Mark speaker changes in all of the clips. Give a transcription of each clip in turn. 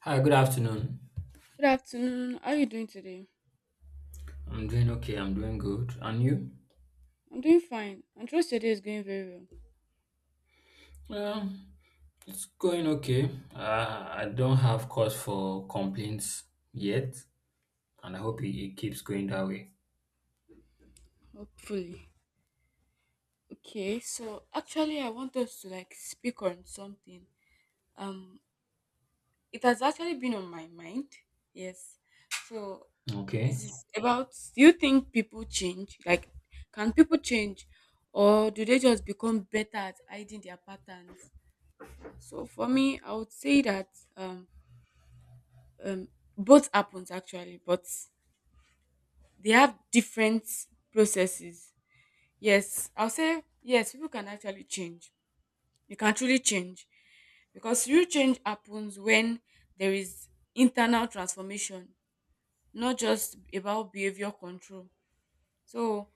Speaker 1: Hi, good afternoon.
Speaker 2: Good afternoon. How are you doing today?
Speaker 1: I'm doing okay. I'm doing good. And you?
Speaker 2: I'm doing fine. I trust your day is going very well.
Speaker 1: Well, it's going okay. I don't have cause for complaints yet, and I hope it,
Speaker 2: Mm,
Speaker 1: it keeps going that way.
Speaker 2: hopefully. Okay, so actually I want us to like speak on something. Um it has actually been on my mind. Yes. So
Speaker 1: Okay.
Speaker 2: it's about do you think people change? Like can people change or do they just become better at hiding their patterns? Yeah. So for me I would say that um um both happens actually, but they have different processes. Yes, I'll say yes, people can actually change. You can truly change because real change happens when there is internal transformation, not just about behavior control. So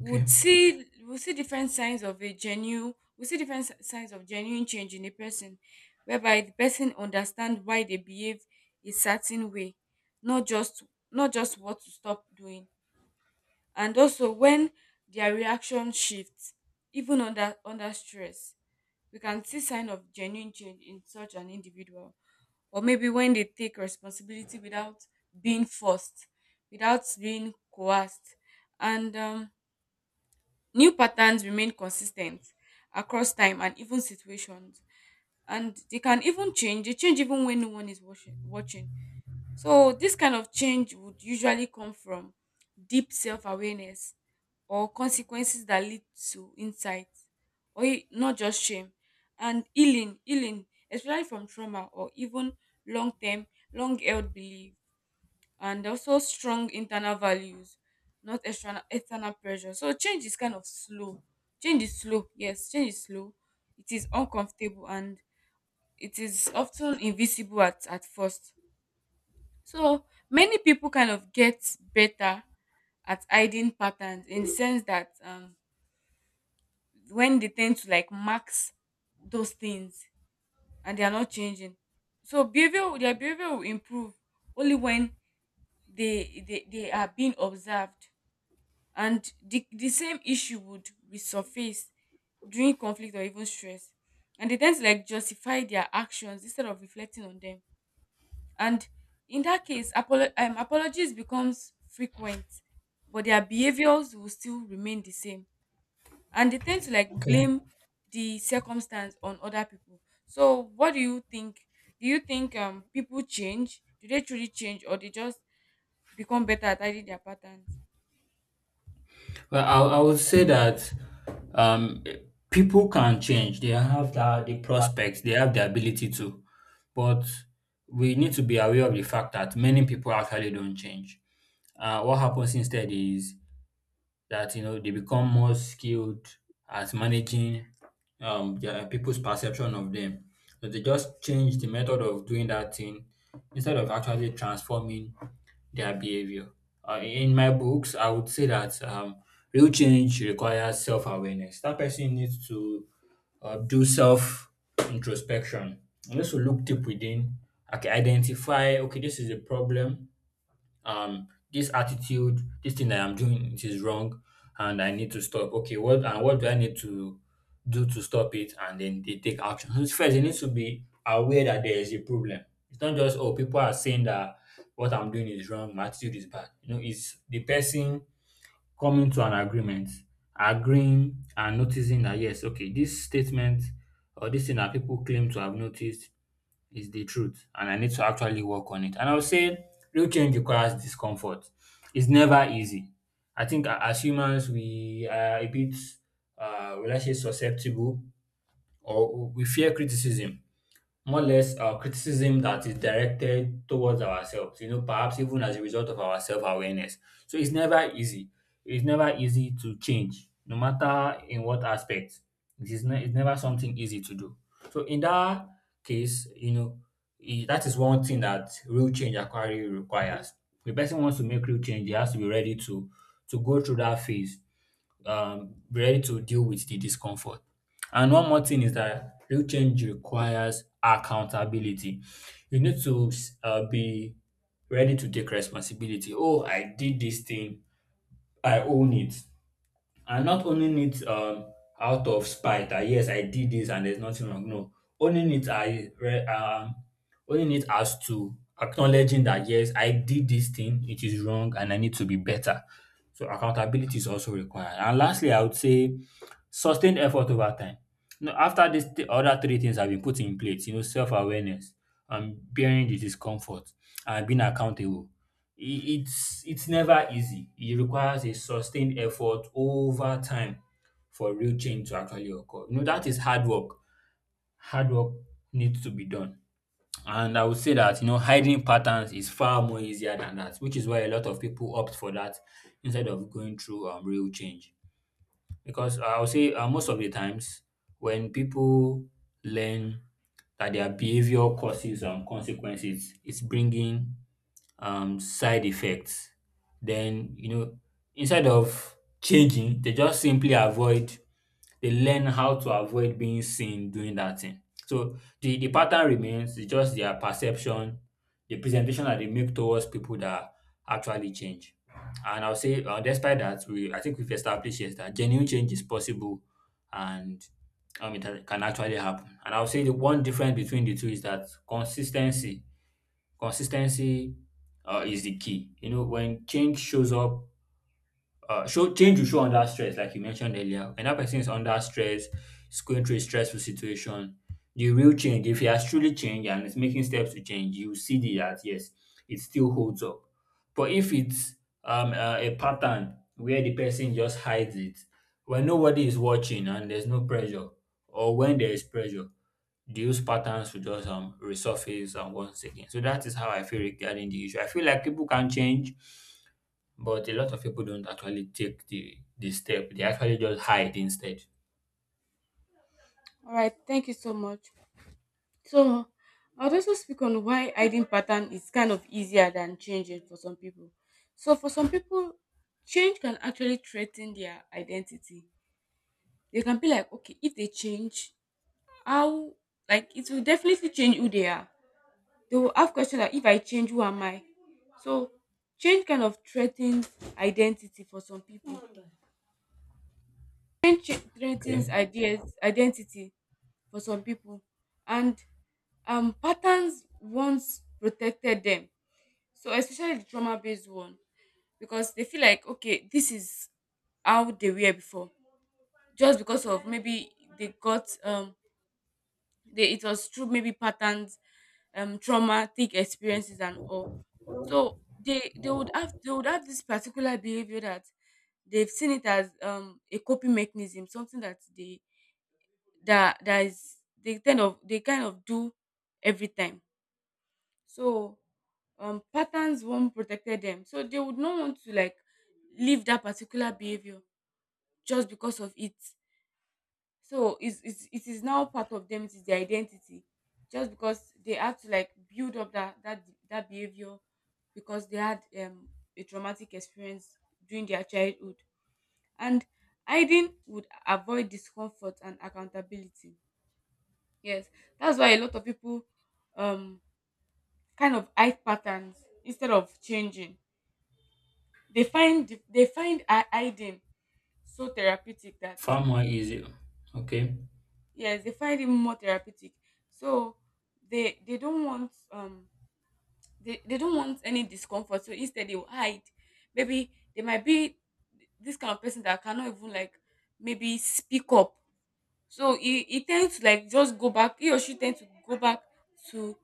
Speaker 1: Okay.
Speaker 2: see we'll see different signs of a genuine we see different si- signs of genuine change in a person, whereby the person understand why they behave a certain way, not just what to stop doing, and also when their reaction shifts even under stress, we can see sign of genuine change in such an individual, or maybe when they take responsibility without being forced, without being coerced, and new patterns remain consistent across time and even situations, and they change even when no one is watching. So this kind of change would usually come from deep self awareness, or consequences that lead to insight, or not just shame, and healing, especially from trauma, or even long term, long held belief, and also strong internal values, not external pressure. So, change is kind of slow. Change is slow, yes, change is slow. It is uncomfortable, and it is often invisible at first. So many people kind of get better at hiding patterns, in the sense that, when they tend to like max those things, and they are not changing. So behavior their behavior will improve only when they are being observed, and the same issue would resurface during conflict or even stress. And they tend to like justify their actions instead of reflecting on them. And in that case, apologies becomes frequent, but their behaviors will still remain the same. And they tend to like
Speaker 1: Okay.
Speaker 2: blame the circumstance on other people. So what do you think? Do you think people change? Do they truly change, or they just become better at hiding their patterns?
Speaker 1: Well, I would say that um, people can change. They have the prospects. They have the ability to, but we need to be aware of the fact that many people actually don't change. Uh, what happens instead is that you know they become more skilled at managing their people's perception of them. So they just change the method of doing that thing instead of actually transforming their behavior. In my books, I would say that real change requires self awareness. That person needs to do self introspection. Needs to look deep within. Okay, identify. Okay, this is a problem, this attitude, this thing that I'm doing, it is wrong and I need to stop. Okay, what, and what do I need to do to stop it? And then they take action. So first, they need to be aware that there is a problem. It's not just, oh, people are saying that what I'm doing is wrong, my attitude is bad, you know, it's the person coming to an agreement, agreeing and noticing that yes, okay, this statement or this thing that people claim to have noticed is the truth, and I need to actually work on it. And I would say real change requires discomfort. It's never easy. I think as humans, we are a bit, will I say, susceptible, or we fear criticism, more or less, criticism that is directed towards ourselves, you know, perhaps even as a result of our self awareness. So it's never easy. It's never easy to change, no matter in what aspect. It is it's never something easy to do. So in that case, you know, that is one thing that real change actually requires. The person wants to make real change, he has to be ready to go through that phase, be ready to deal with the discomfort. And one more thing is that real change requires accountability. You need to be ready to take responsibility. Oh, I did this thing. I own it, and not owning it, out of spite, that yes, I did this and there's nothing wrong, no, owning it, owning it as to acknowledging that yes, I did this thing, it is wrong and I need to be better. So accountability is also required, and lastly, I would say sustained effort over time. You know, after these other three things have been put in place, you know, self-awareness, bearing the discomfort, and being accountable. It's never easy. It requires a sustained effort over time for real change to actually occur. You know, that is hard work. Hard work needs to be done. And I would say that, you know, hiding patterns is far more easier than that, which is why a lot of people opt for that instead of going through real change. Because I will say, most of the times, when people learn that their behavior causes, consequences, it's bringing, side effects. Then, you know, instead of changing, they just simply avoid they learn how to avoid being seen doing that thing. So the pattern remains. It's just their perception, the presentation that they make towards people that actually change. And I'll say, despite that, we I think we've established yes that genuine change is possible, and it can actually happen. And I'll say the one difference between the two is that consistency, consistency, is the key. You know, when change shows up, show change will show under stress, like you mentioned earlier. When that person is under stress, is going through a stressful situation, the real change, if he has truly changed and is making steps to change, you see the that yes, it still holds up. But if it's a pattern where the person just hides it, when nobody is watching and there's no pressure, or when there is pressure, those patterns will just resurface once again. So that is how I feel regarding the issue. I feel like people can change, but a lot of people don't actually take the step. They actually just hide instead.
Speaker 2: All right, thank you so much. So I'd also speak on why hiding pattern is kind of easier than changing for some people. So for some people, change can actually threaten their identity. They can be like, okay, if they change, how, like it will definitely change who they are. They will have questions like, if I change, who am I? So change kind of threatens identity for some people. Change threatens
Speaker 1: Okay.
Speaker 2: ideas identity for some people. And patterns once protected them. So especially the trauma based one, because they feel like, okay, this is how they were before. Just because of maybe they got they it was through maybe patterns, traumatic experiences and all. So they would have this particular behavior, that they've seen it as a coping mechanism, something that they that that is they kind of do every time. So patterns won't protected them. So they would not want to like leave that particular behavior just because of it. So it is now part of them, it is their identity. Just because they had to like build up that behavior, because they had a traumatic experience during their childhood. And hiding would avoid discomfort and accountability. Yes. That's why a lot of people um kind of hide patterns instead of changing. They find hiding so therapeutic that,
Speaker 1: Far more easier. Okay.
Speaker 2: yes, they find it more therapeutic. So they they don't want um they don't want any discomfort, so instead they will hide. Maybe they might be this kind of person that cannot even like maybe speak up. So he tends to like just go back he or she tends to go back to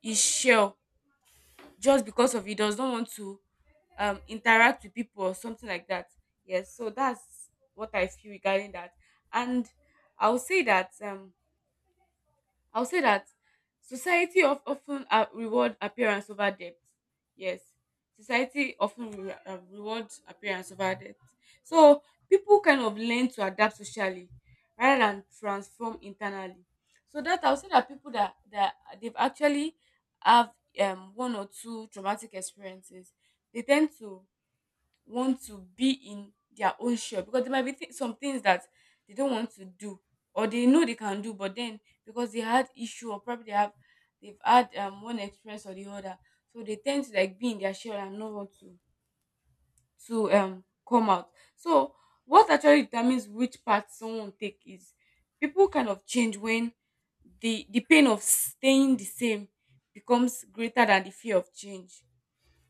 Speaker 2: his shell, just because of he does not want to interact with people or something like that. Yes, so that's what I feel regarding that. And i'll say that um I'll say that society of often reward appearance over depth. Yes, society often reward appearance over depth. So people kind of learn to adapt socially, rather than transform internally. So that I'll say that, people that they've actually have one or two traumatic experiences, they tend to want to be in their own shop, because there might be some things that they don't want to do, or they know they can do but then, because they had issue, or probably they've had one experience or the other. So they tend to like be in their shell and not want to come out. So what actually determines which path someone will take is, people kind of change when the pain of staying the same becomes greater than the fear of change.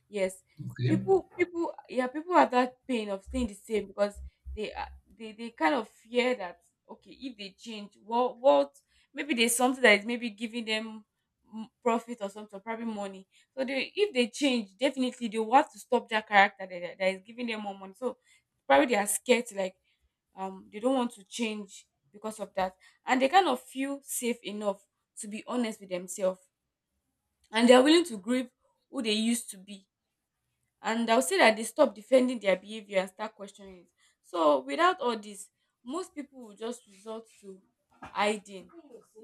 Speaker 2: Yes,
Speaker 1: Okay.
Speaker 2: yeah, people have that pain of staying the same, because they are they kind of fear that, okay, if they change, what maybe there's something that is maybe giving them profit or something, probably money. So they if they change, definitely they want to stop that character that is giving them more money. So probably they are scared to like, they don't want to change because of that, and they kind of feel safe enough to be honest with themselves, and they are willing to grieve who they used to be, and I'll say that they stop defending their behavior and start questioning it. So without all this, most people will just resort to hiding.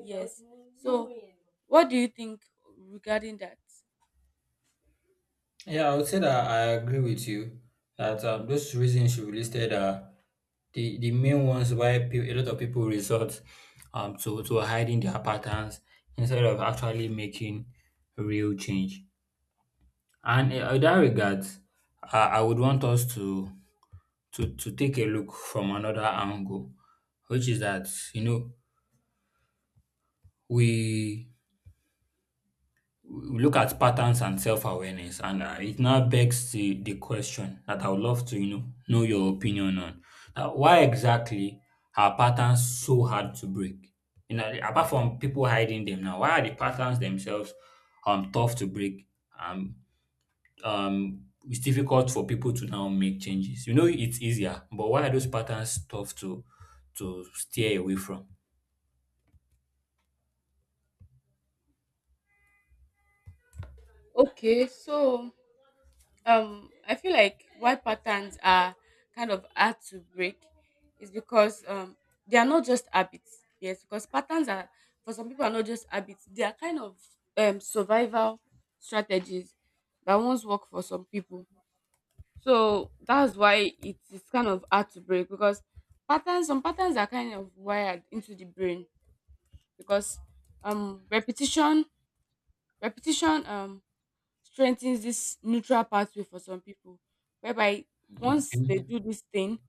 Speaker 2: Yes. So what do you think regarding that?
Speaker 1: Yeah, I would say that I agree with you that those reasons you listed are the main ones why a lot of people resort, to hiding their patterns instead of actually making real change. And in that regard, I would want us to, to take a look from another angle, which is that, you know, we look at patterns and self-awareness, and it now begs the question that I would love to, you know your opinion on. Why exactly are patterns so hard to break, you know, apart from people hiding them? Now, why are the patterns themselves tough to break? um um it's difficult for people to now make changes, you know. It's easier, but why are those patterns tough to steer away from?
Speaker 2: Okay, so I feel like why patterns are kind of hard to break is because they are not just habits. Yes, because patterns are, for some people, are not just habits, they are kind of survival strategies that once work for some people. So that's why it is kind of hard to break, because some patterns are kind of wired into the brain, because um repetition, repetition strengthens this neutral pathway for some people, whereby once
Speaker 1: Okay.
Speaker 2: they do this thing,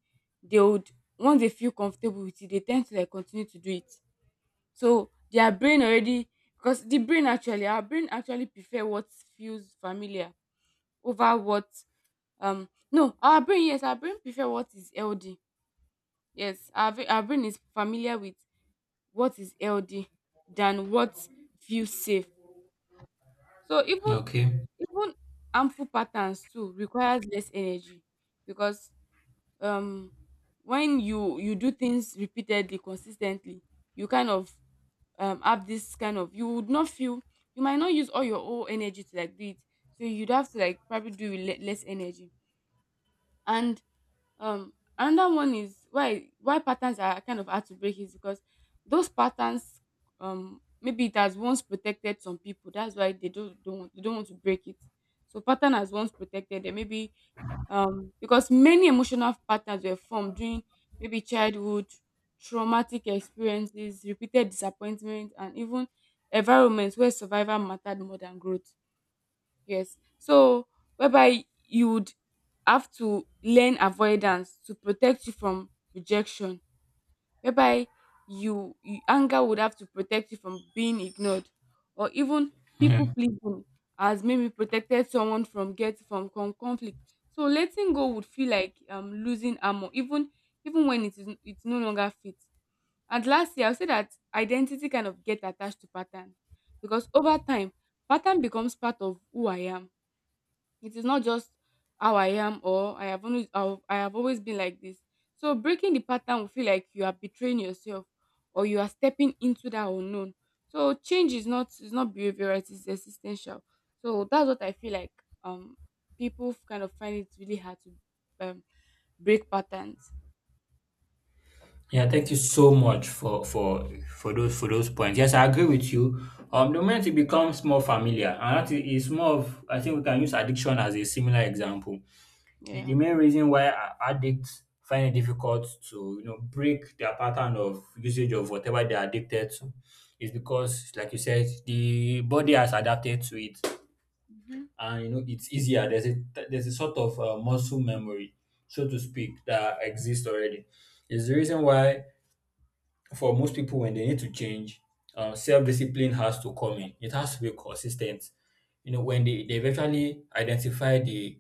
Speaker 2: they would once they feel comfortable with it, they tend to like continue to do it. So their brain already because the brain actually our brain actually prefer what feels familiar over what, no, our brain, yes, our brain prefer what is healthy. Yes, our brain is familiar with what is healthy than what feels safe. So even
Speaker 1: Okay.
Speaker 2: even harmful patterns too requires less energy, because um when you do things repeatedly, consistently, you kind of have this kind of, you might not use all your whole energy to like do it. So you'd have to like probably do with less energy. And Um, another one is why patterns are kind of hard to break, is because those patterns, maybe it has once protected some people. That's why they don't want to break it. So pattern has once protected them. Maybe because many emotional patterns were formed during maybe childhood, traumatic experiences, repeated disappointment, and even environments where survival mattered more than growth. Yes. So whereby you would have to learn avoidance to protect you from rejection, whereby you anger would have to protect you from being ignored, or even people pleasing has maybe protected someone from conflict. So letting go would feel like losing armor, even when it's no longer fit. And lastly, I'll say that identity kind of get attached to pattern, because over time, pattern becomes part of who I am. It is not just how I am, or I have always been like this. So breaking the pattern will feel like you are betraying yourself, or you are stepping into that unknown. So change is not behavioral, it is existential. So that's what I feel like um people kind of find it really hard to, um, break patterns.
Speaker 1: Yeah, thank you so much for those, for those points. Yes, I agree with you. The moment it becomes more familiar, and that is more of, I think we can use addiction as a similar example. The
Speaker 2: Yeah.
Speaker 1: main reason why addicts find it difficult to, you know, break their pattern of usage of whatever they are addicted to, is because, like you said, the body has adapted to it,
Speaker 2: Mm-hmm.
Speaker 1: and you know it's easier. There's a sort of, muscle memory, so to speak, that exists already. Is the reason why for most people, when they need to change, self-discipline has to come in. It has to be consistent. You know, when they eventually identify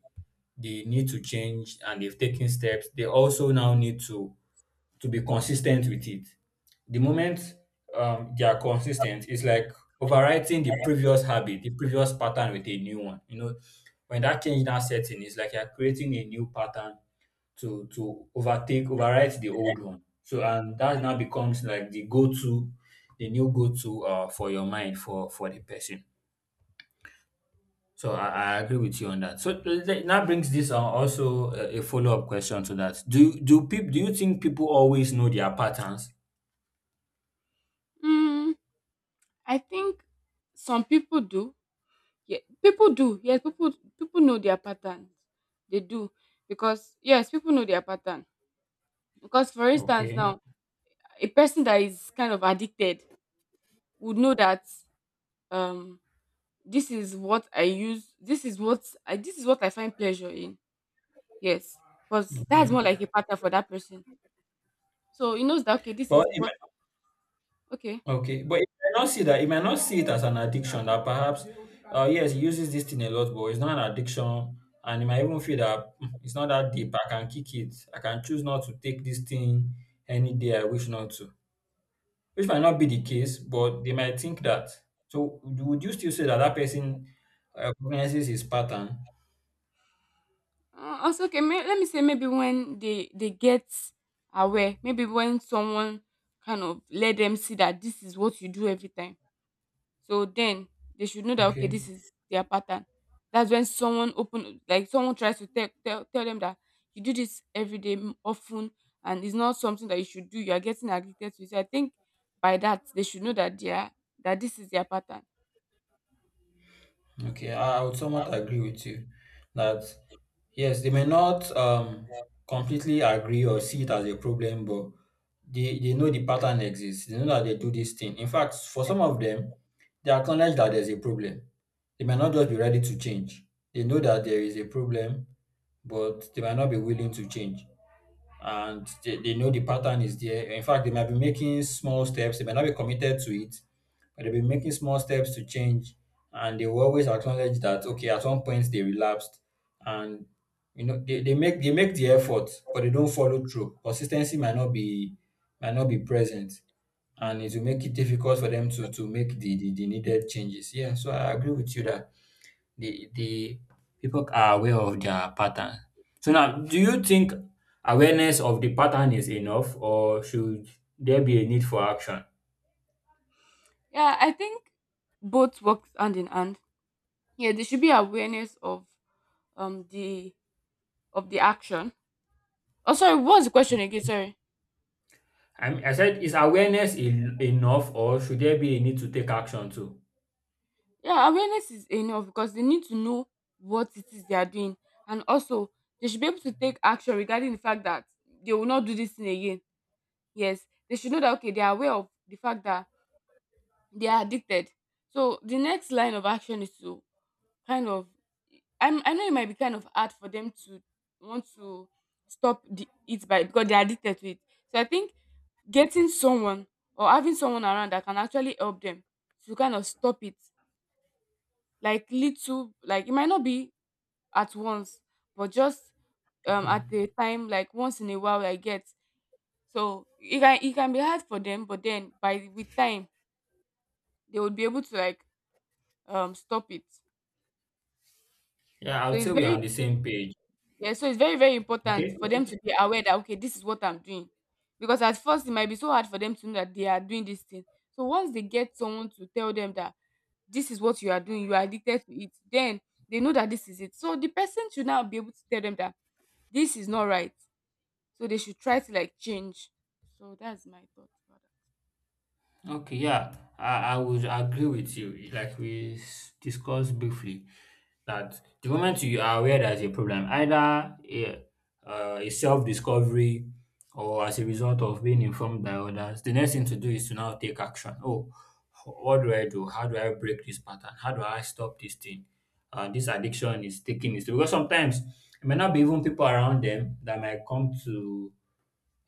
Speaker 1: the need to change and they've taken steps, they also now need to be consistent with it. The moment they are consistent, it's like overwriting the previous habit, the previous pattern with a new one. You know, when that change now sets in, it's like you're creating a new pattern to overtake, overwrite the old one. So, and that now becomes like the go-to, the new go-to, for your mind, for the person. So I agree with you on that. So that brings this, also a follow-up question to that. Do do people do you think people always know their patterns?
Speaker 2: Mm, I think some people do. Yeah, people do. Yes, people know their patterns. They do, because, yes, people know their pattern. Because for instance
Speaker 1: Okay.
Speaker 2: now, a person that is kind of addicted would know that, um this is what I use this is what I this is what I find pleasure in. Yes. Because that's
Speaker 1: Okay.
Speaker 2: more like a pattern for that person. So he knows that, okay, this is
Speaker 1: But
Speaker 2: what,
Speaker 1: ima-
Speaker 2: okay.
Speaker 1: Okay, but he might not see that. He might not see it as an addiction. That perhaps, yes, he uses this thing a lot, but it's not an addiction, and he might even feel that, "Hmm, it's not that deep. I can kick it. I can choose not to take this thing any day I wish not to," which might not be the case, but they might think that. So, would you still say that that person, recognizes his pattern?
Speaker 2: Let me say maybe when they get aware, maybe when someone kind of let them see that this is what you do every time. So then they should know that, okay,
Speaker 1: Okay.
Speaker 2: this is their pattern. That's when someone open, like someone tries to tell them that you do this every day often, and it's not something that you should do. You are getting addicted to it. So I think by that they should know that they are that this is their pattern.
Speaker 1: Okay, I would somewhat agree with you that yes, they may not, completely agree or see it as a problem, but they know the pattern exists. They know that they do this thing. In fact, for some of them, they acknowledge that there's a problem. They may not
Speaker 2: Yeah.
Speaker 1: just be ready to change. They know that there is a problem, but they might not be willing to change, and they know the pattern is there. In fact, they might be making small steps. They might not be committed to it, but they'll be making small steps to change. And they will always acknowledge that okay, at one point they relapsed, and you know they make the effort, but they don't follow through. Consistency might not be present, and it
Speaker 2: Hmm.
Speaker 1: will make it difficult for them to make the needed changes. Yeah, so I agree with you that the people are aware of their pattern. So now, do you think awareness of the pattern is enough, or should there be a need for action?
Speaker 2: Yeah, I think both works hand in hand. Yeah, there should be awareness of the action. Oh sorry, what was the question again?
Speaker 1: Okay.
Speaker 2: Sorry.
Speaker 1: I mean, I said, is awareness enough, or should there be a need to take action too?
Speaker 2: Yeah, awareness is enough because they need to know what it is they are doing, and also they should be able to take action regarding the fact that they will not do this thing again. Yes, they should know that, okay, they are aware of the fact that they are addicted. So the next line of action is to kind of, I know it might be kind of hard for them to want to stop the, it by because they are addicted to it. So I think getting someone or having someone around that can actually help them to kind of stop it, like little, like it might not be at once, but just
Speaker 1: Okay.
Speaker 2: at a time, like once in a while I get. So it can be hard for them, but then by with time they would be able to like stop it.
Speaker 1: Yeah, I
Speaker 2: So
Speaker 1: would
Speaker 2: it's
Speaker 1: say we're on the same page.
Speaker 2: very very important
Speaker 1: Okay.
Speaker 2: for
Speaker 1: Okay.
Speaker 2: them to be aware that, okay, this is what I'm doing, because at first it might be so hard for them to know that they are doing this thing. So once they get someone to tell them that this is what you are doing, you are addicted to it, then they know that this is it. So the person should now be able to tell them that this is not right. So they should try to like change. So that's my thought about that.
Speaker 1: Okay. Yeah, I would agree with you. Like we discussed briefly, that the moment you are aware there's a problem, either a self discovery or as a result of being informed by others, the next thing to do is to now take action. Oh, what do I do? How do I break this pattern? How do I stop this thing? This addiction is taking it. Because sometimes it may not be even people around them that might come to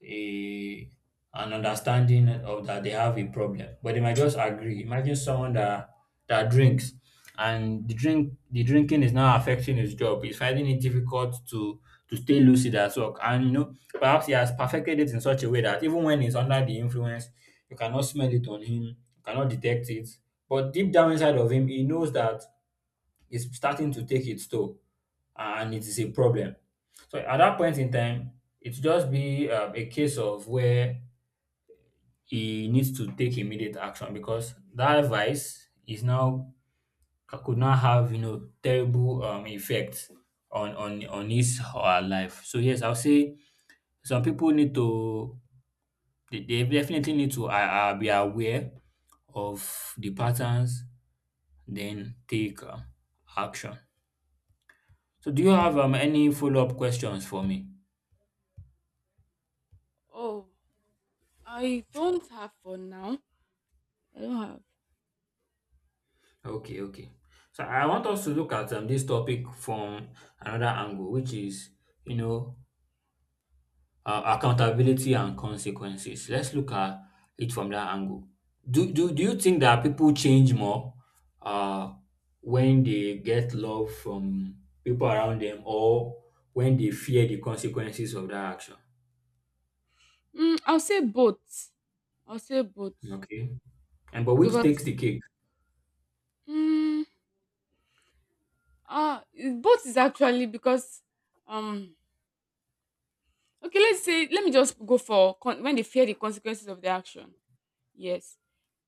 Speaker 1: a an understanding of that they have a problem, but they might just agree. Imagine someone that drinks and the drinking is now affecting his job. He's finding it difficult to stay lucid at work. And you know, perhaps he has perfected it in such a way that even when he's under the influence, you cannot smell it on him, you cannot detect it. But deep down inside of him, he knows that it's starting to take its toll and it is a problem. So at that point in time, it just be a case of where he needs to take immediate action because that vice is now could not have terrible effects on his or her life. So yes, I'll say some people need to they definitely need to be aware of the patterns, then take action. So do you have any follow up questions for me?
Speaker 2: Oh, I don't have for now. I don't have.
Speaker 1: Okay, okay. So I want us to look at this topic from another angle, which is you know accountability and consequences. Let's look at it from that angle. Do
Speaker 2: Okay.
Speaker 1: you think that people change more uh when they get love from people around them or when they fear the consequences of that action?
Speaker 2: Mm, I'll say both. I'll say both
Speaker 1: Okay. And but which takes
Speaker 2: because,
Speaker 1: the cake?
Speaker 2: mm, ah both is actually because um okay, let's say let me just go for when they fear the consequences of their action. Yes,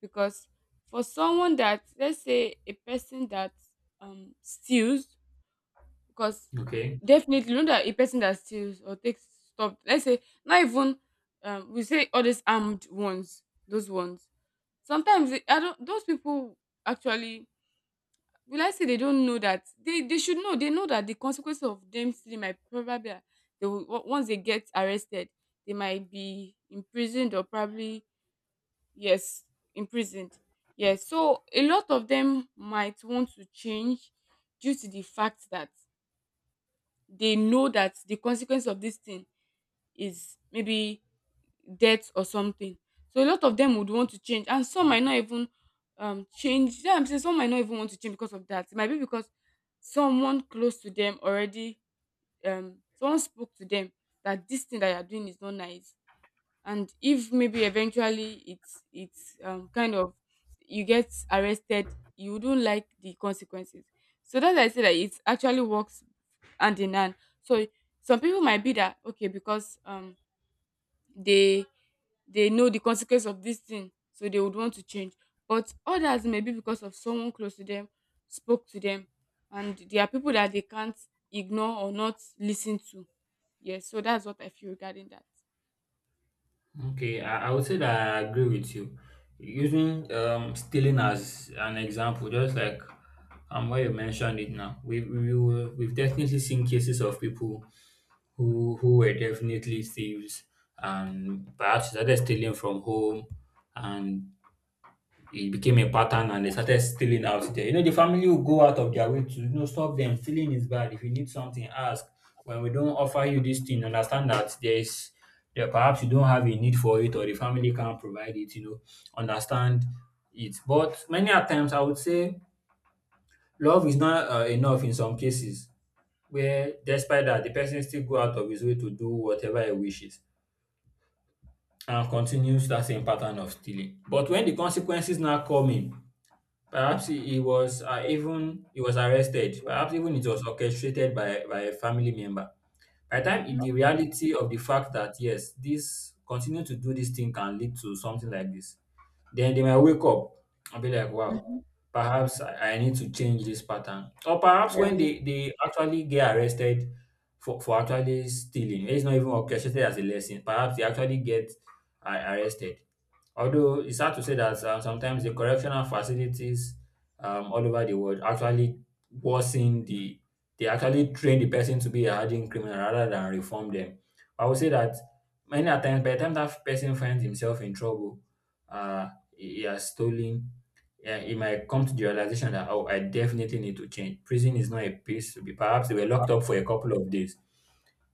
Speaker 2: because for someone that, let's say a person that steals. Because
Speaker 1: Okay.
Speaker 2: definitely, you know that a person that steals or takes stuff, let's say, not even we say all these armed ones, those ones. Sometimes they, I don't, those people actually, will I say they don't know that they should know. They know that the consequences of them stealing might probably they will, once they get arrested, they might be imprisoned or probably, yes, imprisoned. Yes, so a lot of them might want to change due to the fact that they know that the consequence of this thing is maybe death or something. So a lot of them would want to change, and some might not even change. Yeah, I'm saying some might not even want to change because of that. It might be because someone close to them already, someone spoke to them that this thing that you're doing is not nice. And if maybe eventually it's kind of you get arrested, you don't like the consequences. So that's why I say that it actually works and the nan. So some people might be that, okay, because they they know the consequence of this thing, so they would want to change. But others may be because of someone close to them spoke to them, and there are people that they can't ignore or not listen to. Yes, so that's what I feel regarding that.
Speaker 1: Okay. I would say that I agree with you. Using stealing as an example, just like where you mentioned it now. We've definitely seen cases of people who were definitely thieves and perhaps they started stealing from home and it became a pattern and they started stealing out there. You know, the family will go out of their way to stop them. Stealing is bad. If you need something, ask. When we don't offer you this thing, understand that there is there perhaps you don't have a need for it or the family can't provide it, you know, understand it. But many a times I would say love is not enough in some cases where despite that the person still go out of his way to do whatever he wishes and continues that same pattern of stealing. But when the consequences now come in, perhaps he was even he was arrested. Perhaps even it was orchestrated by a family member. By the time it-
Speaker 2: Mm-hmm.
Speaker 1: the reality of the fact that yes, this continue to do this thing can lead to something like this, then they might wake up and be like, wow, perhaps I need to change this pattern. Or perhaps when
Speaker 2: Yeah.
Speaker 1: they actually get arrested for actually stealing, it's not even orchestrated as a lesson. Perhaps they actually get arrested. Although it's hard to say that sometimes the correctional facilities all over the world actually worsen the, they actually train the person to be a hardened criminal rather than reform them. I would say that many a times, by the time that person finds himself in trouble, uh, he has stolen, yeah, he might come to the realization that, oh, I definitely need to change. Prison is not a place to be. Perhaps they were locked up for a couple of days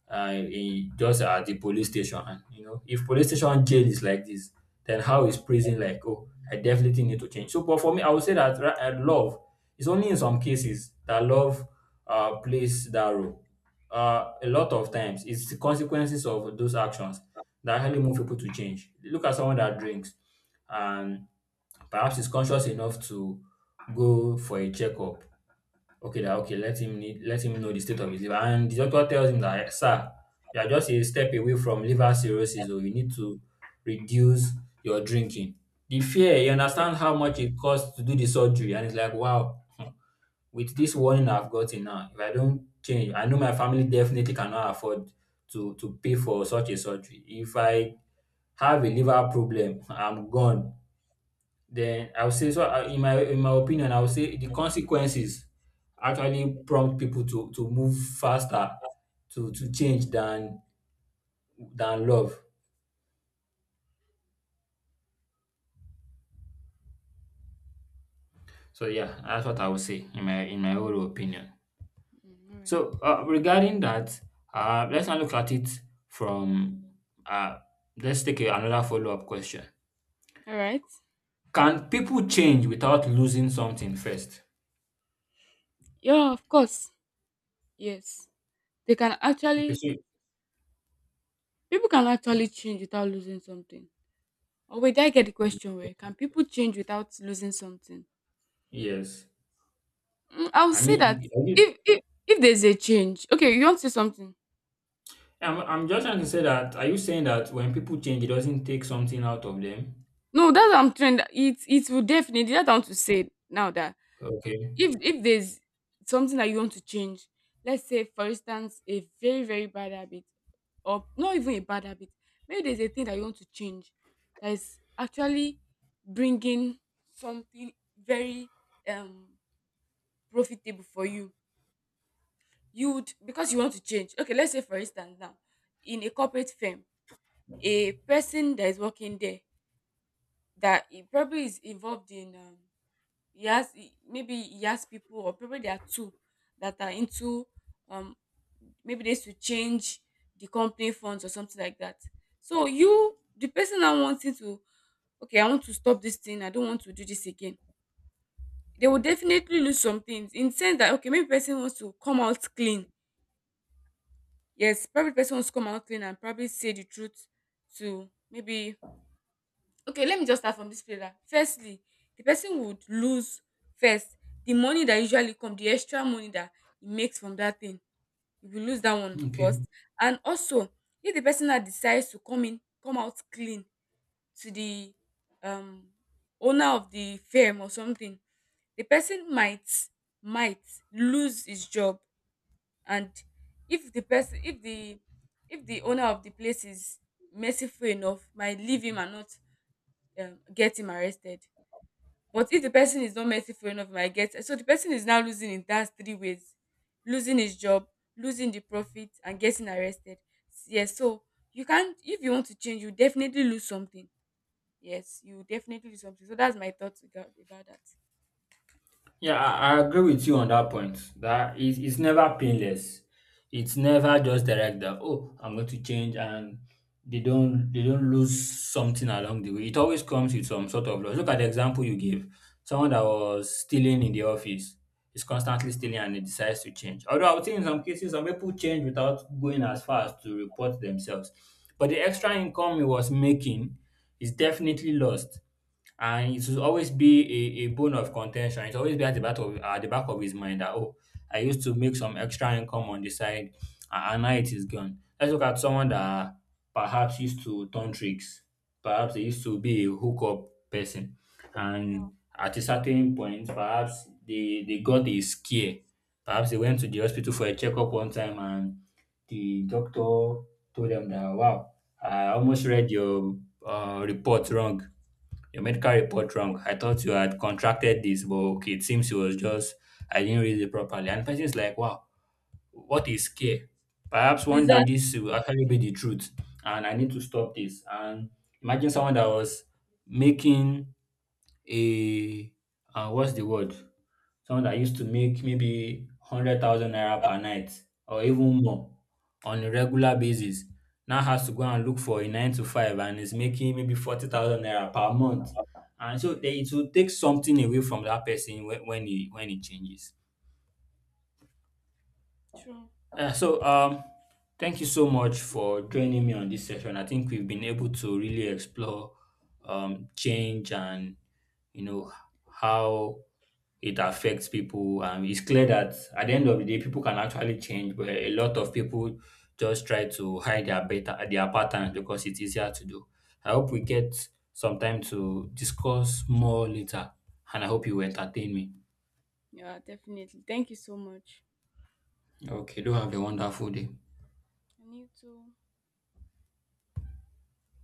Speaker 1: he just at the police station. And you know, if police station jail is like this, then how is prison like? Oh, I definitely need to change. So, but for me, I would say that love is only in some cases that love plays that role. A lot of times, it's the consequences of those actions that actually move people to change. Look at someone that drinks, and perhaps is conscious enough to go for a checkup. Okay, that okay. Let him know the state of his liver. And the doctor tells him that, sir, you are just a step away from liver cirrhosis, so you need to reduce your drinking. The fear, you understand how much it costs to do the surgery, and it's like, wow, hmm, with this warning I've gotten now, if I don't change, I know my family definitely cannot afford to pay for such a surgery. If I have a liver problem, I'm gone. Then I will say so I in my opinion, I will say the consequences actually prompt people to move faster to change than love. So yeah, that's what I would say in my own opinion.
Speaker 2: Mm, all right.
Speaker 1: So regarding that, let's now look at it from uh, let's take another follow up question.
Speaker 2: All right.
Speaker 1: Can people change without losing something first?
Speaker 2: Yeah, of course. Yes. They can
Speaker 1: Okay,
Speaker 2: actually people can actually change without losing something. Or wait, did I get the question where can people change without losing something?
Speaker 1: yes.
Speaker 2: Mm, I would
Speaker 1: I
Speaker 2: say
Speaker 1: mean,
Speaker 2: that
Speaker 1: you-
Speaker 2: if if there's a change, okay, you want to say something?
Speaker 1: I'm just trying to say that, are you saying that when people change, it doesn't take something out of them?
Speaker 2: No, that's what I'm trying. It will definitely that I want to say now that
Speaker 1: Okay.
Speaker 2: if there's something that you want to change, let's say for instance a very very bad habit, or not even a bad habit, maybe there's a thing that you want to change that is actually bringing something very um profitable for you. You would, because you want to change, okay, let's say for instance now, in a corporate firm, a person that is working there that he probably is involved in he has maybe he has people, or probably there are two that are into um maybe they should change the company funds or something like that. So you the person now wanting to, okay, I want to stop this thing. I don't want to do this again. They will definitely lose some things in sense that, okay, maybe person wants to come out clean. Yes, probably the person wants to come out clean and probably say the truth to maybe, okay, let me just start from this place that firstly the person would lose first the money that usually come, the extra money that he makes from that thing, he will lose that one
Speaker 1: Okay.
Speaker 2: first. And also, if the person that decides to come out clean to the um owner of the firm or something, the person might lose his job. And if the person if the owner of the place is merciful enough, might leave him and not get him arrested, but if the person is not merciful enough, might get. So the person is now losing in that three ways: losing his job, losing the profit, and getting arrested. Yes, so you can't, if you want to change you definitely lose something. Yes, you definitely lose something. So that's my thoughts about that.
Speaker 1: Yeah, I agree with you on that point. That it's never painless. It's never just direct that oh I'm going to change and they don't lose something along the way. It always comes with some sort of loss. Look at the example you gave. Someone that was stealing in the office is constantly stealing and he decides to change. Although I would say in some cases some people change without going as far as to report themselves. But the
Speaker 2: Yeah.
Speaker 1: extra income he was making is definitely lost and it will always be a bone of contention. It will always be at the back of his mind that oh, I used to make some extra income on the side, and now it is gone. Let's look at someone that perhaps used to turn tricks, perhaps they used to be a hookup person,
Speaker 2: Yeah.
Speaker 1: and at a certain point, perhaps they got a scare. Perhaps they went to the hospital for a checkup one time, and the doctor told them that wow, I almost read your report wrong your medical report wrong. I thought you had contracted this, but okay, it seems it was just I didn't read it properly. And the person is like, wow, what is care? Perhaps
Speaker 2: Is
Speaker 1: one day
Speaker 2: that?
Speaker 1: this will actually be the truth, and I need to stop this. And imagine someone that was making a what's the word? Someone that used to make maybe 100,000 naira per night or even more on a regular basis now has to go and look for a nine to five and is making maybe 40,000 naira per month. And so they, it
Speaker 2: Yeah,
Speaker 1: will take something away from that person when he changes.
Speaker 2: true.
Speaker 1: So, thank you so much for joining me on this session. I think we've been able to really explore change and you know how it affects people. It's clear that at the end of the day, people can actually change, but a lot of people just try to hide their patterns because it's easier to do. I hope we get some time to discuss more later, and I hope you entertain me.
Speaker 2: Yeah, definitely, thank you so much.
Speaker 1: Okay, do have a wonderful day.
Speaker 2: And you too.